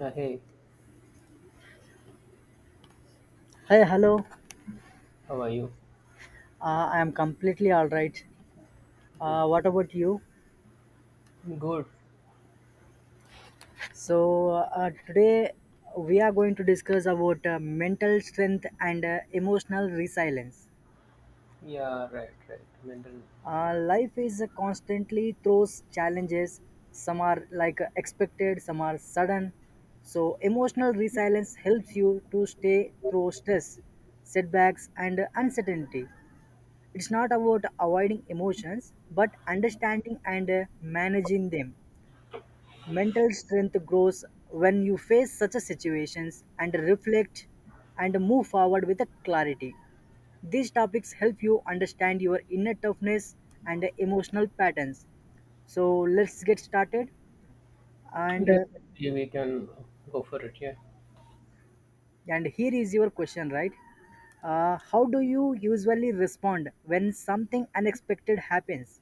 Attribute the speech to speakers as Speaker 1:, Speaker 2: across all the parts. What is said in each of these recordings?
Speaker 1: Yeah, hey,
Speaker 2: Hey, hello.
Speaker 1: how are you?
Speaker 2: I am completely all right. Uh,
Speaker 1: Okay.
Speaker 2: what about you?
Speaker 1: Good.
Speaker 2: So today we are going to discuss about mental strength and emotional resilience.
Speaker 1: Yeah, right, right. Mental.
Speaker 2: Life is constantly throws challenges. Some are like expected, some are sudden. So emotional resilience helps you to stay through stress, setbacks, and uncertainty. It's not about avoiding emotions, but understanding and managing them. Mental strength grows when you face such a situations and reflect and move forward with a clarity. These topics help you understand your inner toughness and emotional patterns. So let's get started. And uh,
Speaker 1: Definitely, we can go for it. Yeah.
Speaker 2: and here is your question, right? How do you usually respond when something unexpected happens?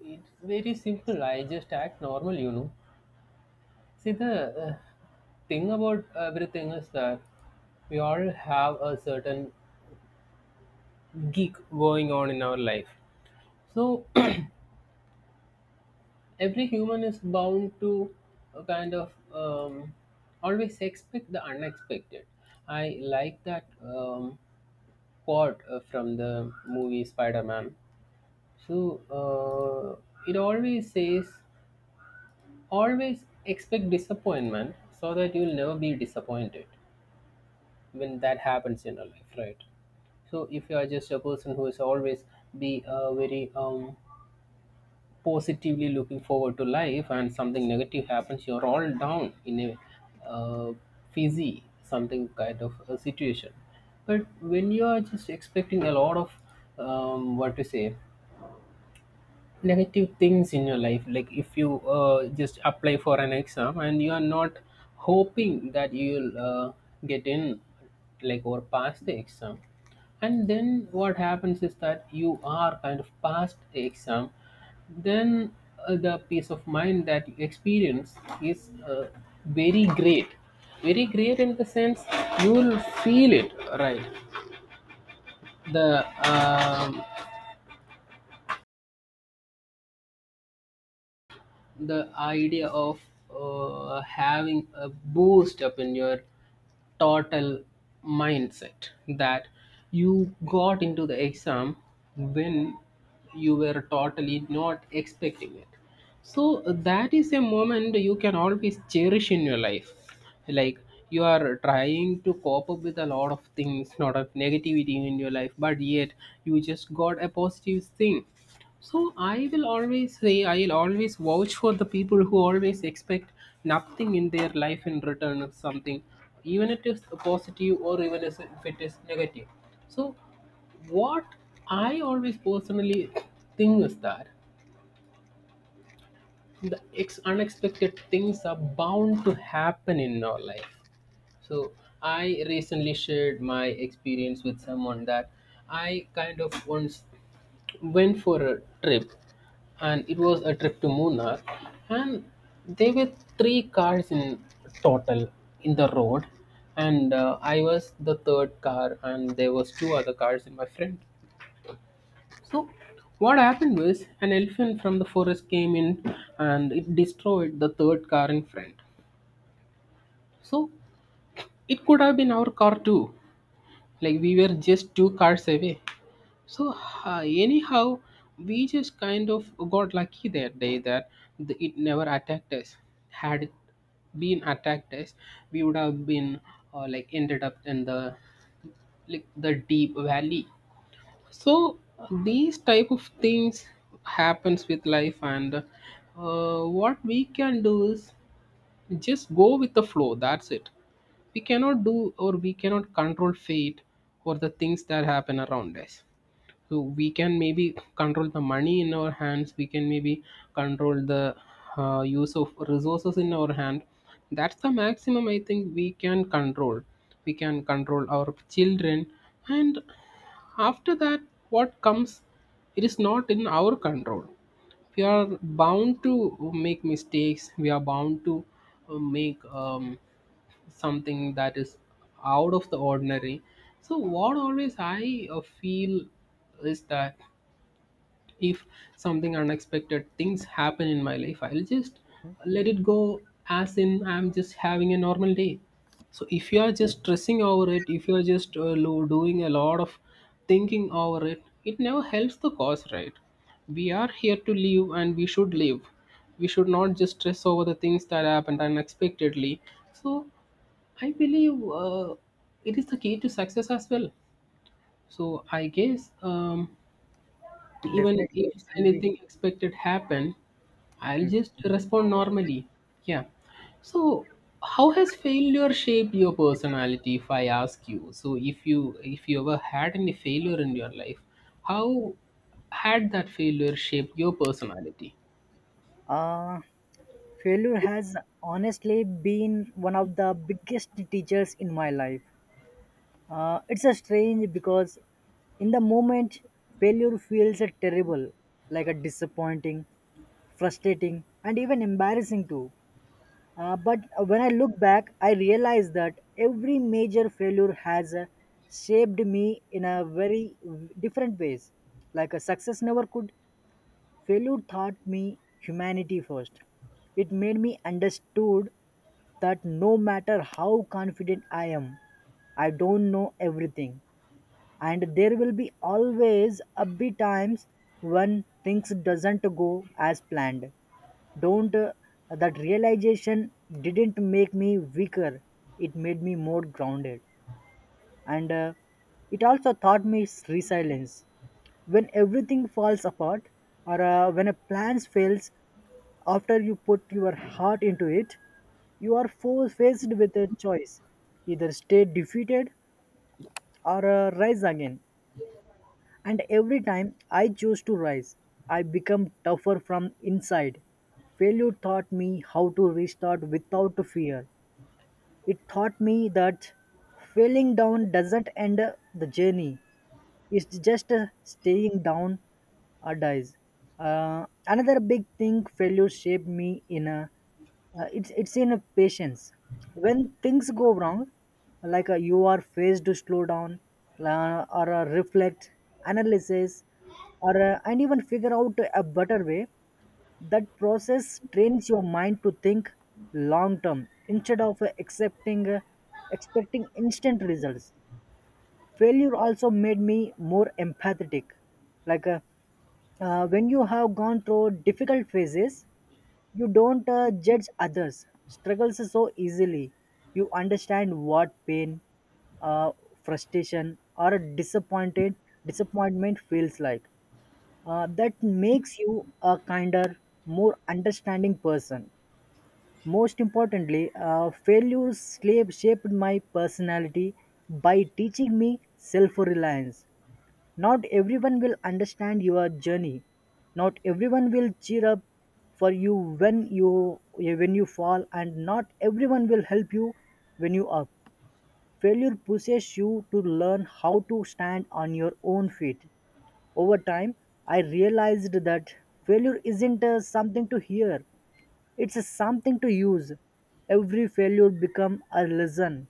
Speaker 1: It's very simple. I just act normal. See, the uh, thing about everything is that we all have a certain geek going on in our life. So every human is bound to a kind of always expect the unexpected. I like that. Quote from the movie Spider-Man. So uh, it always says, always expect disappointment so that you'll never be disappointed when that happens in your life, right? So if you are just a person who is always be very positively looking forward to life and something negative happens, you're all down in a uh, fizzy something kind of a situation. But when you are just expecting a lot of what to say negative things in your life, like if you just apply for an exam and you are not hoping that you'll get in like or pass the exam, and then what happens is that you are kind of past the exam, then the peace of mind that you experience is very great, very great in the sense you will feel it right. The idea of having a boost up in your total mindset, that you got into the exam when you were totally not expecting it, so that is a moment you can always cherish in your life. Like, you are trying to cope up with a lot of things, lot of negativity in your life, but yet you just got a positive thing. So I will always say, I'll always vouch for the people who always expect nothing in their life in return or something, even it is positive or even if it is negative. So what I always personally think is that the unexpected things are bound to happen in our life. So I recently shared my experience with someone that I kind of once went for a trip, and it was a trip to Munnar. And there were three cars in total in the road, and I was the third car, and there was two other cars in my friend. So what happened was an elephant from the forest came in, and it destroyed the third car in front. So it could have been our car too. Like, we were just two cars away. So anyhow, we just kind of got lucky that day that it never attacked us. Had it been attacked us, we would have been like ended up in the deep valley. So these type of things happens with life, and what we can do is just go with the flow. That's it. We cannot do, or we cannot control fate or the things that happen around us. So we can maybe control the money in our hands, we can maybe control the use of resources in our hand. That's the maximum I think we can control. We can control our children, and after that what comes, it is not in our control. We are bound to make mistakes, we are bound to make something that is out of the ordinary. So what always I feel is that if something unexpected things happen in my life, I'll just let it go, as in I'm just having a normal day. So if you are just stressing over it, if you are just doing a lot of thinking over it, it never helps the cause, right? We are here to live, and we should live. We should not just stress over the things that happened unexpectedly. So I believe it is the key to success as well. So I guess, even if
Speaker 2: Definitely, it should be.
Speaker 1: anything expected happen, I'll
Speaker 2: Hmm.
Speaker 1: just respond normally. Yeah. So how has failure shaped your personality, if I ask you? So if you ever had any failure in your life, how had that failure shaped your personality?
Speaker 2: Uh, failure has honestly been one of the biggest teachers in my life. It's a strange because in the moment, failure feels a terrible, like a disappointing, frustrating, and even embarrassing too. But when I look back, I realize that every major failure has shaped me in a very different ways. Like a success never could. Failure taught me humanity first. It made me understood that no matter how confident I am, I don't know everything. And there will be always a be times when things doesn't go as planned. Don't that realization didn't make me weaker. It made me more grounded and it also taught me resilience when everything falls apart or when a plan fails after you put your heart into it, you are faced with a choice: either stay defeated or rise again. And every time I choose to rise, I become tougher from inside. Failure taught me how to restart without fear. It taught me that failing down doesn't end the journey. It's just staying down or dies. Another big thing failure shaped me in a it's in a patience. When things go wrong, like you are faced to slow down or reflect, analysis, or and even figure out a better way. That process trains your mind to think long term instead of accepting expecting instant results. Failure also made me more empathetic, like when you have gone through difficult phases, you don't judge others struggles so easily. You understand what pain uh,, frustration or disappointed disappointment feels like. That makes you a kinder, more understanding person. Most importantly, failure slave shaped my personality by teaching me self reliance. Not everyone will understand your journey. Not everyone will cheer up for you when you fall, and not everyone will help you when you up. Failure pushes you to learn how to stand on your own feet. Over time, I realized that failure isn't something to hear, it's a something to use. Every failure become a lesson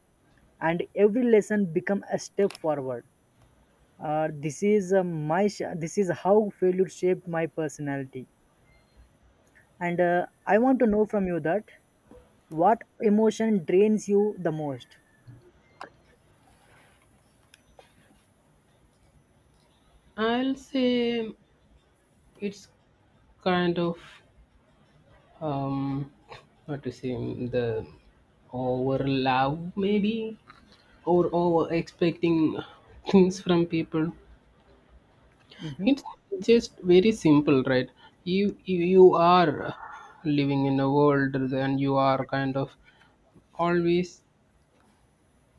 Speaker 2: and every lesson become a step forward. This is how failure shaped my personality. And I want to know from you that what emotion drains you the most?
Speaker 1: I'll say it's kind of um what to say, the over love maybe, or over expecting things from people. It's
Speaker 2: Mm-hmm,
Speaker 1: just very simple, right? You are living in a world, and you are kind of always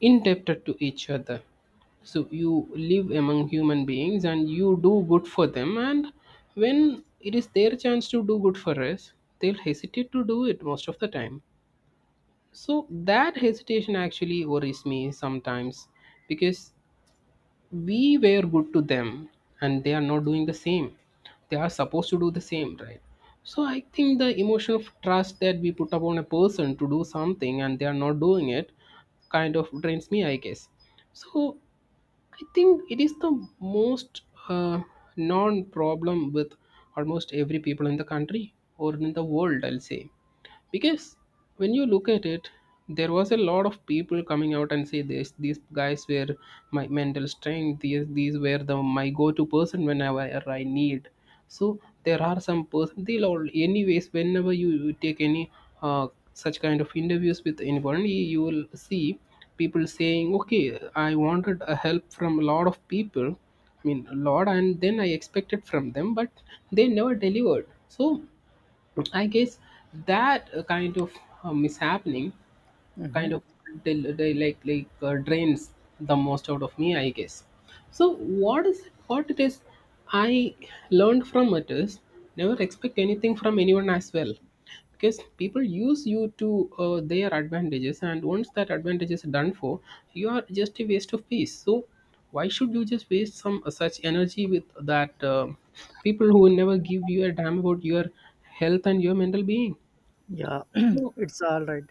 Speaker 1: indebted to each other. So you live among human beings, and you do good for them. And when it is their chance to do good for us, they'll hesitate to do it most of the time. So that hesitation actually worries me sometimes, because we were good to them and they are not doing the same. They are supposed to do the same, right? So I think the emotion of trust that we put upon a person to do something and they are not doing it, kind of drains me, I guess. So I think it is the most uh, non problem with almost every people in the country or in the world, I'll say. Because when you look at it, there was a lot of people coming out and say this, these guys were my mental strength, these were the my go-to person whenever I need. So there are some person, they'll all anyways, whenever you take any uh, such kind of interviews with anyone, you will see people saying, okay, I wanted a help from a lot of people, I mean a lot, and then I expected from them, but they never delivered. So I guess that kind of is
Speaker 2: mm-hmm.
Speaker 1: kind of they like drains the most out of me, I guess. So what is, what it is I learned from it is, never expect anything from anyone as well. Because people use you to their advantages, and once that advantage is done for, you are just a waste of peace. So why should you just waste some such energy with that people who will never give you a damn about your health and your mental being.
Speaker 2: Yeah,
Speaker 1: So
Speaker 2: it's all right.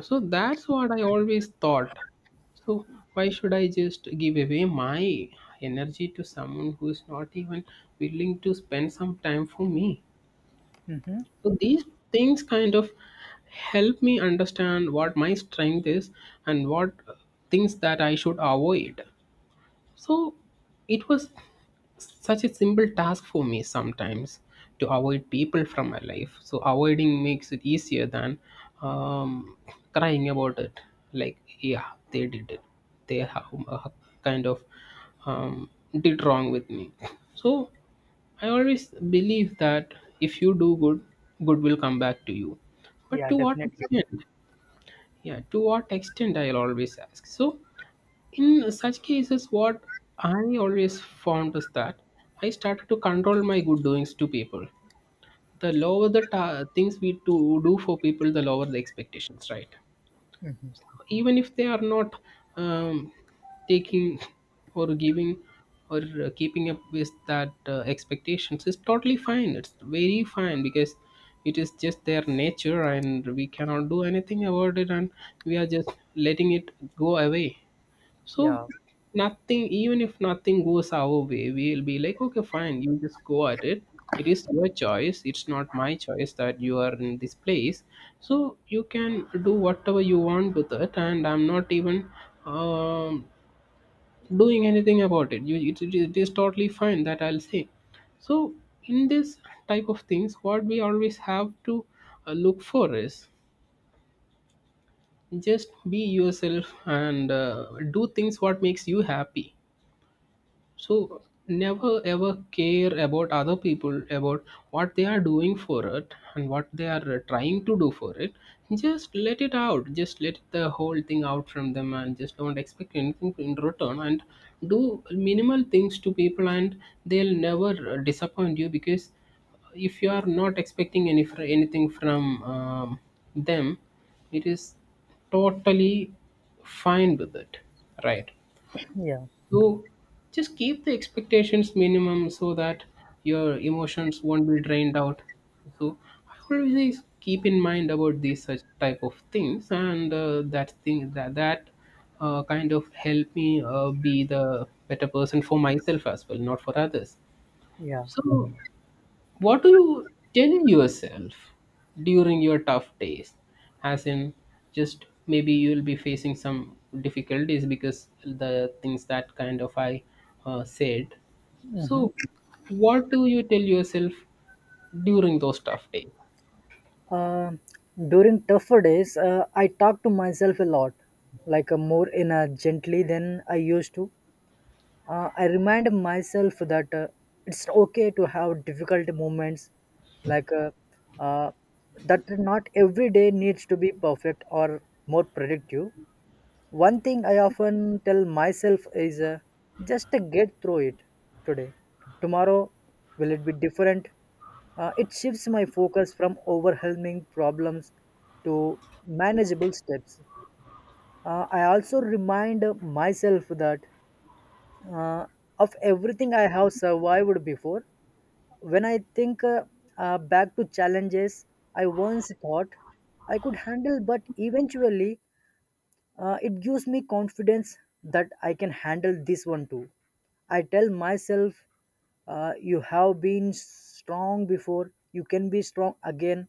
Speaker 1: that's what I always thought. So why should I just give away my energy to someone who is not even willing to spend some time for me?
Speaker 2: Mm-hmm.
Speaker 1: So these things kind of help me understand what my strength is and what things that I should avoid. So it was such a simple task for me sometimes to avoid people from my life. So avoiding makes it easier than um, crying about it. Like, yeah, they did it. They have kind of um, did wrong with me. So I always believe that if you do good, good will come back to you. But
Speaker 2: Yeah,
Speaker 1: to what
Speaker 2: definitely.
Speaker 1: extent? Yeah, to what extent I'll always ask. So in such cases, what I always found is that I started to control my good doings to people. The lower the things we to do for people, the lower the expectations, right?
Speaker 2: Mhm.
Speaker 1: Even if they are not um, taking or giving or keeping up with that expectations, is totally fine. It's very fine, because it is just their nature and we cannot do anything about it, and we are just letting it go away. So
Speaker 2: Yeah,
Speaker 1: nothing, even if nothing goes our way, we'll be like, okay, fine, you just go at it. It is your choice. It's not my choice that you are in this place. So you can do whatever you want with it, and I'm not even um, doing anything about it. It is totally fine, that I'll say. So in this type of things, what we always have to look for is just be yourself and do things what makes you happy. So never ever care about other people about what they are doing for it and what they are trying to do for it. Just let it out, just let the whole thing out from them, and just don't expect anything in return, and do minimal things to people, and they'll never disappoint you. Because if you are not expecting anything from them, it is totally fine with it, right?
Speaker 2: yeah,
Speaker 1: So just keep the expectations minimum so that your emotions won't be drained out. So I always keep in mind about these such type of things, and that thing that kind of help me be the better person for myself as well, not for others.
Speaker 2: yeah.
Speaker 1: So what do you tell yourself during your tough days? As in, just maybe you'll be facing some difficulties because the things that kind of I said.
Speaker 2: Mm-hmm.
Speaker 1: So, what do you tell yourself during those tough days?
Speaker 2: Uh, during tougher days, I talk to myself a lot, like more in a gently than I used to. I remind myself that it's okay to have difficult moments, like uh, that not every day needs to be perfect or more productive. One thing I often tell myself is just get through it today. Tomorrow, will it be different? It shifts my focus from overwhelming problems to manageable steps. I also remind myself that uh, of everything I have survived before. When I think back to challenges I once thought I could handle, but eventually it gives me confidence that I can handle this one too. I tell myself, you have been strong before, you can be strong again.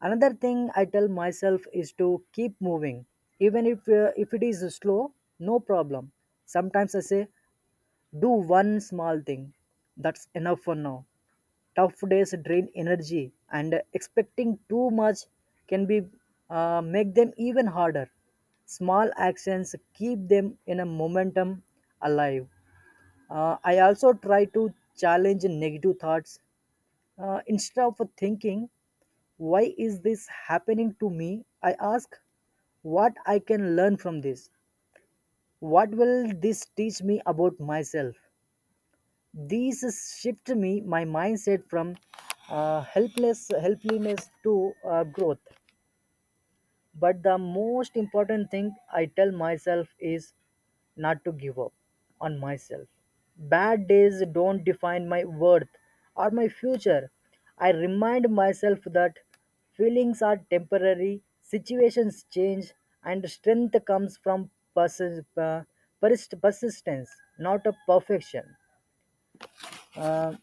Speaker 2: Another thing I tell myself is to keep moving, even if it is slow, no problem. Sometimes I say, do one small thing, that's enough for now. Tough days drain energy and expecting too much can be make them even harder. Small actions keep them in a momentum alive. I also try to challenge negative thoughts. Instead of thinking why is this happening to me, I ask what I can learn from this, what will this teach me about myself. These shift me my mindset from helplessness to growth. But the most important thing I tell myself is not to give up on myself. Bad days don't define my worth or my future. I remind myself that feelings are temporary, situations change, and strength comes from persistence, not a perfection. Uh,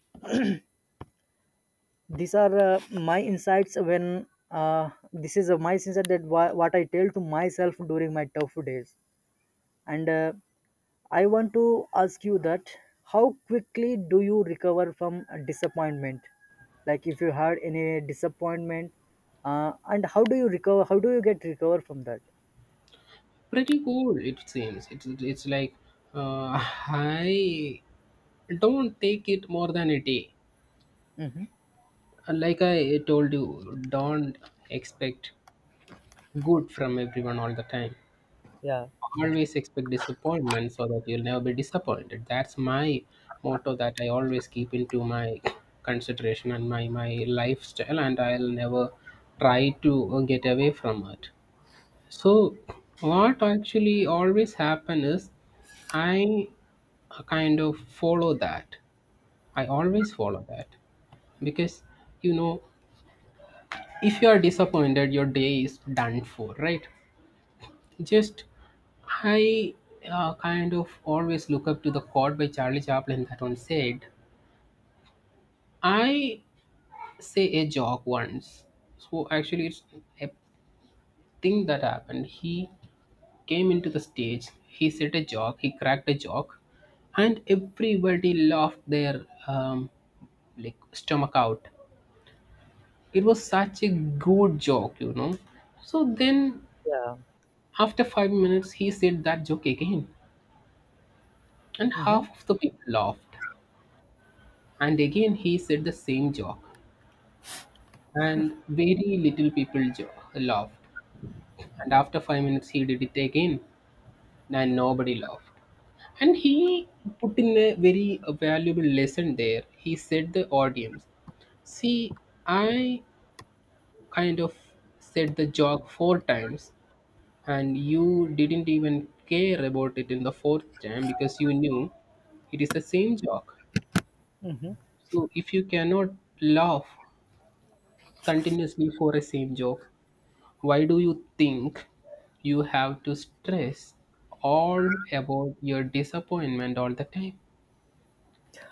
Speaker 2: these are my insights when this is my insight that what I tell to myself during my tough days. And I want to ask you that how quickly do you recover from a disappointment, like if you had any disappointment and how do you recover, how do you get recover from that?
Speaker 1: Pretty cool, it seems. It's like uh, I don't take it more than a day.
Speaker 2: Hmm.
Speaker 1: Like I told you, don't expect good from everyone all the time.
Speaker 2: Yeah.
Speaker 1: Always expect disappointment so that you'll never be disappointed. That's my motto that I always keep into my consideration and my lifestyle, and I'll never try to get away from it. So what actually always happen is I kind of follow that. I always follow that because, you know, if you are disappointed your day is done for, right? Just I kind of always look up to the quote by Charlie Chaplin that one said, "I say a joke once." So actually, it's a thing that happened. He came into the stage. He said a joke. He cracked a joke, and everybody laughed their like stomach out. It was such a good joke. So then,
Speaker 2: Yeah.
Speaker 1: after 5 minutes, he said that joke again, and
Speaker 2: Hmm.
Speaker 1: half of the people laughed. And again he said the same joke, and very little people laughed. And after 5 minutes, he did it again, and nobody laughed. And he put in a very valuable lesson there. He said the audience, "See, I kind of said the joke four times, and you didn't even care about it in the fourth time because you knew it is the same joke." So if you cannot laugh continuously for a same joke, why do you think you have to stress all about your disappointment all the time?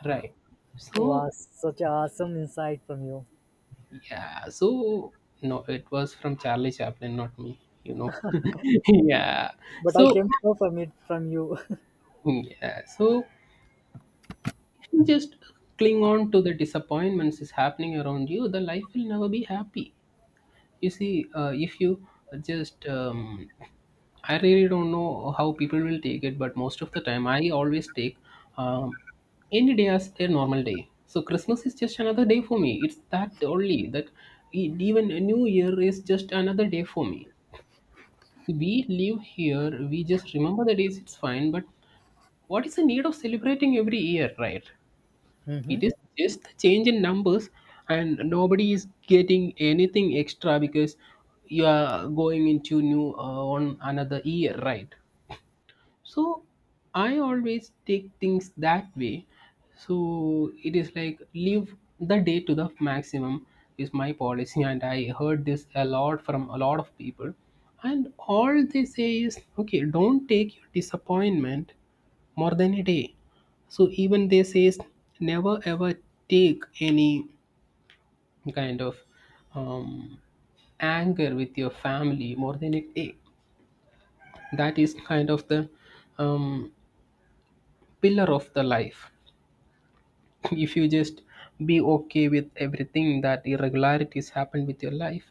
Speaker 1: Right. So,
Speaker 2: Was such an awesome insight from you.
Speaker 1: yeah, so no, it was from Charlie Chaplin, not me. Yeah.
Speaker 2: But I
Speaker 1: So,
Speaker 2: came to know from it from you.
Speaker 1: yeah, so if you just cling on to the disappointments is happening around you, the life will never be happy. You see, if you just, I really don't know how people will take it, but most of the time, I always take um, any day as a normal day. So Christmas is just another day for me. It's that only that even a New Year is just another day for me. We live here, we just remember the days. It's fine, but what is the need of celebrating every year, right?
Speaker 2: Mhm.
Speaker 1: It is just the change in numbers, and nobody is getting anything extra because you are going into new on another year, right? So I always take things that way. So it is like leave the day to the maximum is my policy, and I heard this a lot from a lot of people. And all they say is, okay, don't take your disappointment more than a day. So even they says never ever take any kind of um, anger with your family more than a day. That is kind of the um, pillar of the life. If you just be okay with everything that irregularities happen with your life,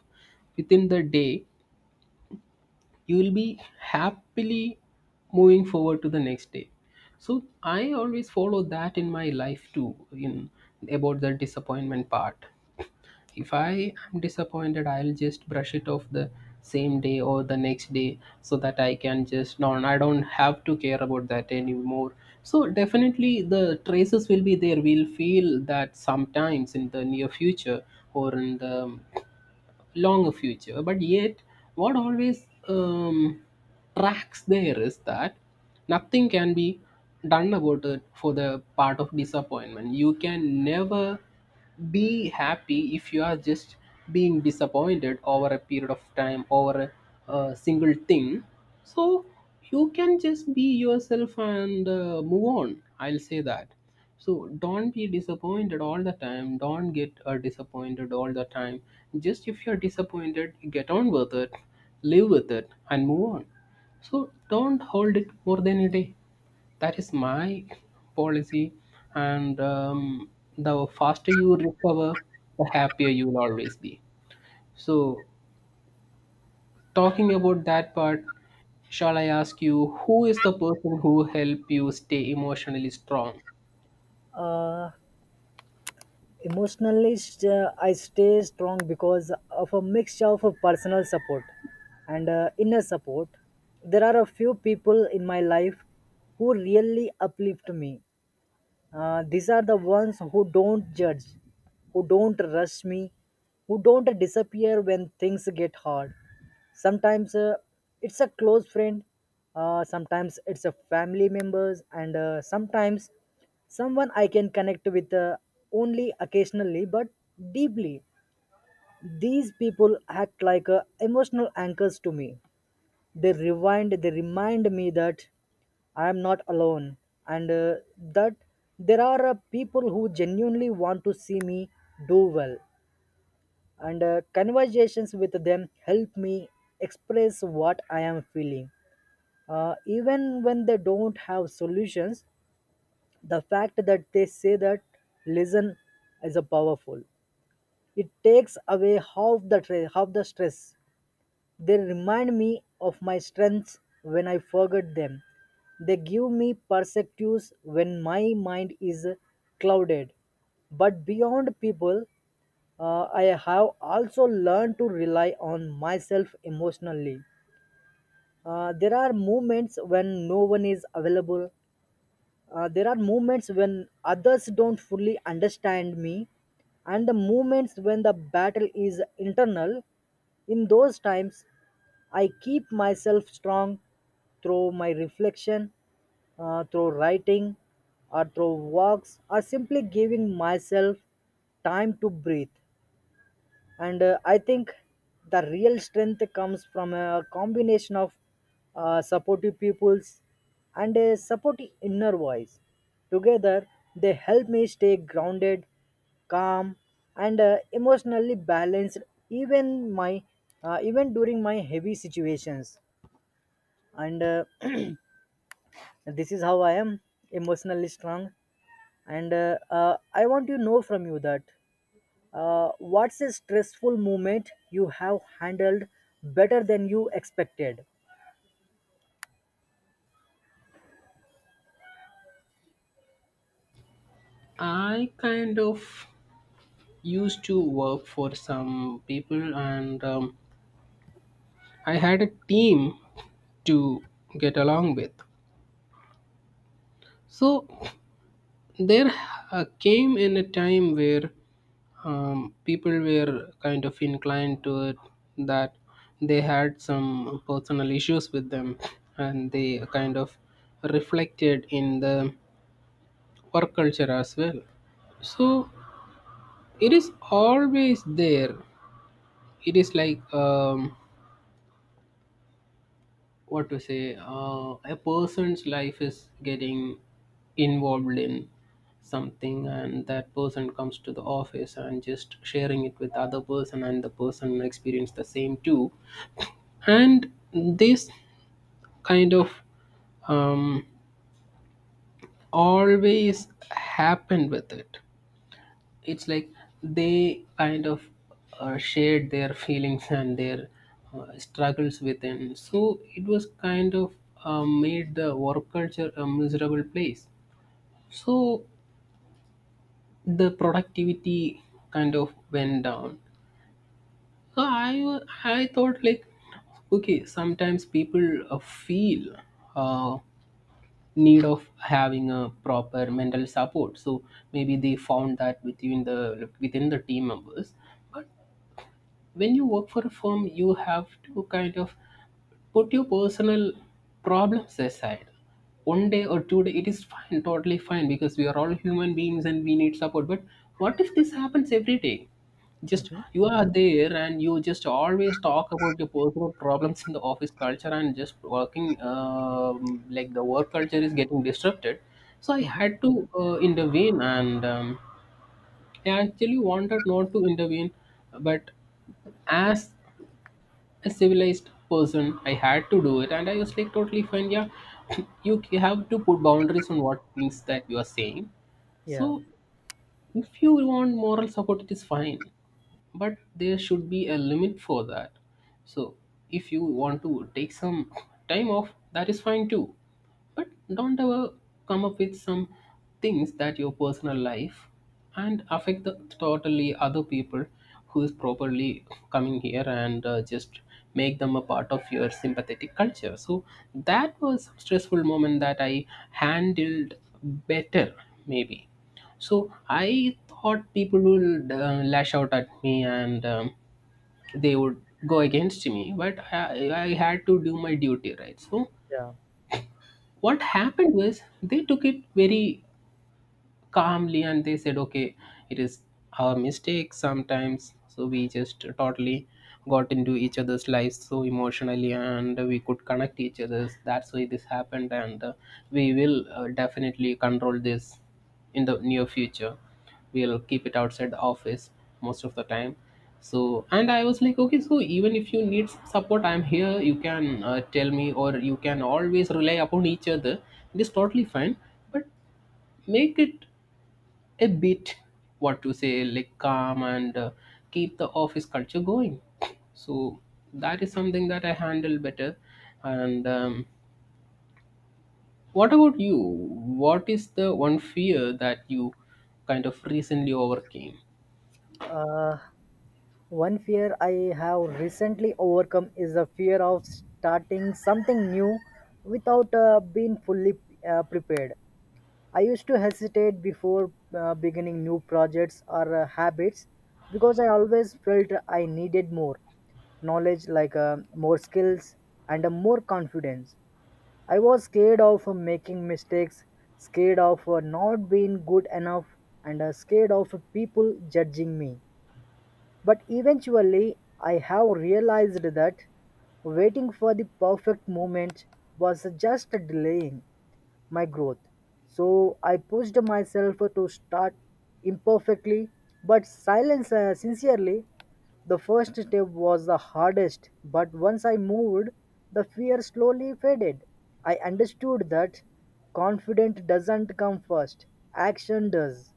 Speaker 1: within the day, you will be happily moving forward to the next day. So I always follow that in my life too, in about the disappointment part. If I am disappointed, I'll just brush it off the same day or the next day so that I can just no I don't have to care about that anymore. So definitely the traces will be there, we'll feel that sometimes in the near future or in the long future. But yet, what always tracks there is that nothing can be done about it for the part of disappointment. You can never be happy if you are just being disappointed over a period of time over a single thing. So you can just be yourself and move on. I'll say that, so don't be disappointed all the time. Don't get disappointed all the time. Just if you're disappointed, get on with it, live with it, and move on. So don't hold it more than a day. That is my policy. And the faster you recover, the happier you will always be. So, talking about that part, shall I ask you who is the person who help you stay emotionally strong?
Speaker 2: Uh, Emotionally, I stay strong because of a mixture of a personal support and inner support. There are a few people in my life who really uplift me. These are the ones who don't judge, who don't rush me, who don't disappear when things get hard. Sometimes it's a close friend, sometimes it's a family members, and sometimes someone I can connect with only occasionally but deeply. These people act like emotional anchors to me. They remind me that I am not alone and that there are people who genuinely want to see me do well. And conversations with them help me express what I am feeling. Even when they don't have solutions, the fact that they say that listen is a powerful. It takes away half the stress. They remind me of my strengths when I forget them. They give me perspectives when my mind is clouded. But beyond people, I have also learned to rely on myself emotionally. There are moments when no one is available, there are moments when others don't fully understand me, and the moments when the battle is internal. In those times, I keep myself strong through my reflection, through writing, or through walks, or simply giving myself time to breathe. And I think the real strength comes from a combination of supportive peoples and a supportive inner voice. Together they help me stay grounded, calm, and emotionally balanced, even my even during my heavy situations. And this is how I am emotionally strong. And I want to know from you that what's a stressful moment you have handled better than you expected?
Speaker 1: I kind of used to work for some people, and I had a team to get along with. So there came in a time where people were kind of inclined to it, that they had some personal issues with them, and they kind of reflected in the work culture as well. So it is always there. It is like, what to say, a person's life is getting involved in something, and that person comes to the office and just sharing it with other person, and the person experience the same too. And this kind of um, always happened with it. It's like they kind of shared their feelings and their struggles within. So it was kind of made the work culture a miserable place. So the productivity kind of went down. So I I thought like, okay, sometimes people feel uh, need of having a proper mental support, so maybe they found that within the team members. But when you work for a firm, you have to kind of put your personal problems aside. One day or two day it is fine, totally fine, because we are all human beings and we need support. But what if this happens every day, just you are there and you just always talk about your personal problems in the office culture, and just working like the work culture is getting disrupted. So I
Speaker 2: Mhm.
Speaker 1: had to intervene, and I actually wanted not to intervene, but as a civilized person I had to do it, and I was like, totally fine, yeah. You have to put boundaries on what things that you are saying. So
Speaker 2: Yeah,
Speaker 1: if you want moral support, it is fine, but there should be a limit for that. So if you want to take some time off, that is fine too, but don't ever come up with some things that your personal life and affect the totally other people who is properly coming here, and just make them a part of your sympathetic culture. So that was a stressful moment that I handled better, maybe. So I thought people would lash out at me, and they would go against me, but I had to do my duty, right? So
Speaker 2: yeah.
Speaker 1: what happened was they took it very calmly, and they said, okay, it is our mistake sometimes, so we just totally got into each other's lives so emotionally, and we could connect each other's, that's why this happened. And we will definitely control this in the near future. We'll keep it outside the office most of the time. So, and I was like, okay, so even if you need support, I'm here, you can tell me, or you can always rely upon each other. It is totally fine, but make it a bit, what to say, like calm, and keep the office culture going. So that is something that I handle better. And what about you, what is the one fear that you kind of recently overcame?
Speaker 2: Uh, one fear I have recently overcome is the fear of starting something new without being fully prepared. I used to hesitate before beginning new projects or habits because I always felt I needed more knowledge, like more skills and more confidence. I was scared of making mistakes, scared of not being good enough, and scared of people judging me. But eventually, I have realized that waiting for the perfect moment was just delaying my growth. So I pushed myself to start imperfectly, but silence sincerely. The first step was the hardest, but once I moved, the fear slowly faded. I understood that confidence doesn't come first, action does.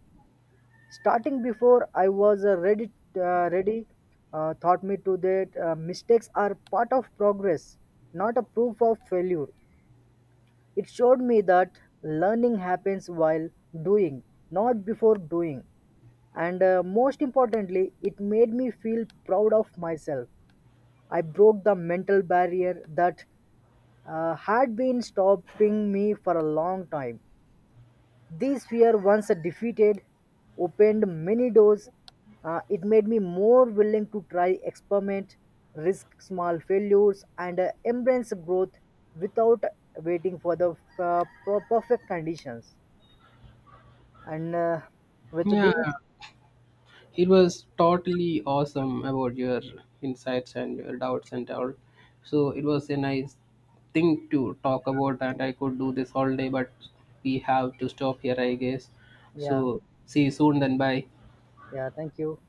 Speaker 2: Starting before I was ready taught me to that mistakes are part of progress, not a proof of failure. It showed me that learning happens while doing, not before doing. And most importantly, it made me feel proud of myself. I broke the mental barrier that had been stopping me for a long time. This fear once defeated opened many doors. It made me more willing to try experiment, risk small failures, and embrace growth without waiting for the perfect conditions. And with
Speaker 1: Yeah,
Speaker 2: this,
Speaker 1: it was totally awesome about your insights and your doubts and all. So it was a nice thing to talk about, and I could do this all day, but we have to stop here, I guess.
Speaker 2: yeah,
Speaker 1: So see you soon, then bye.
Speaker 2: yeah, thank you.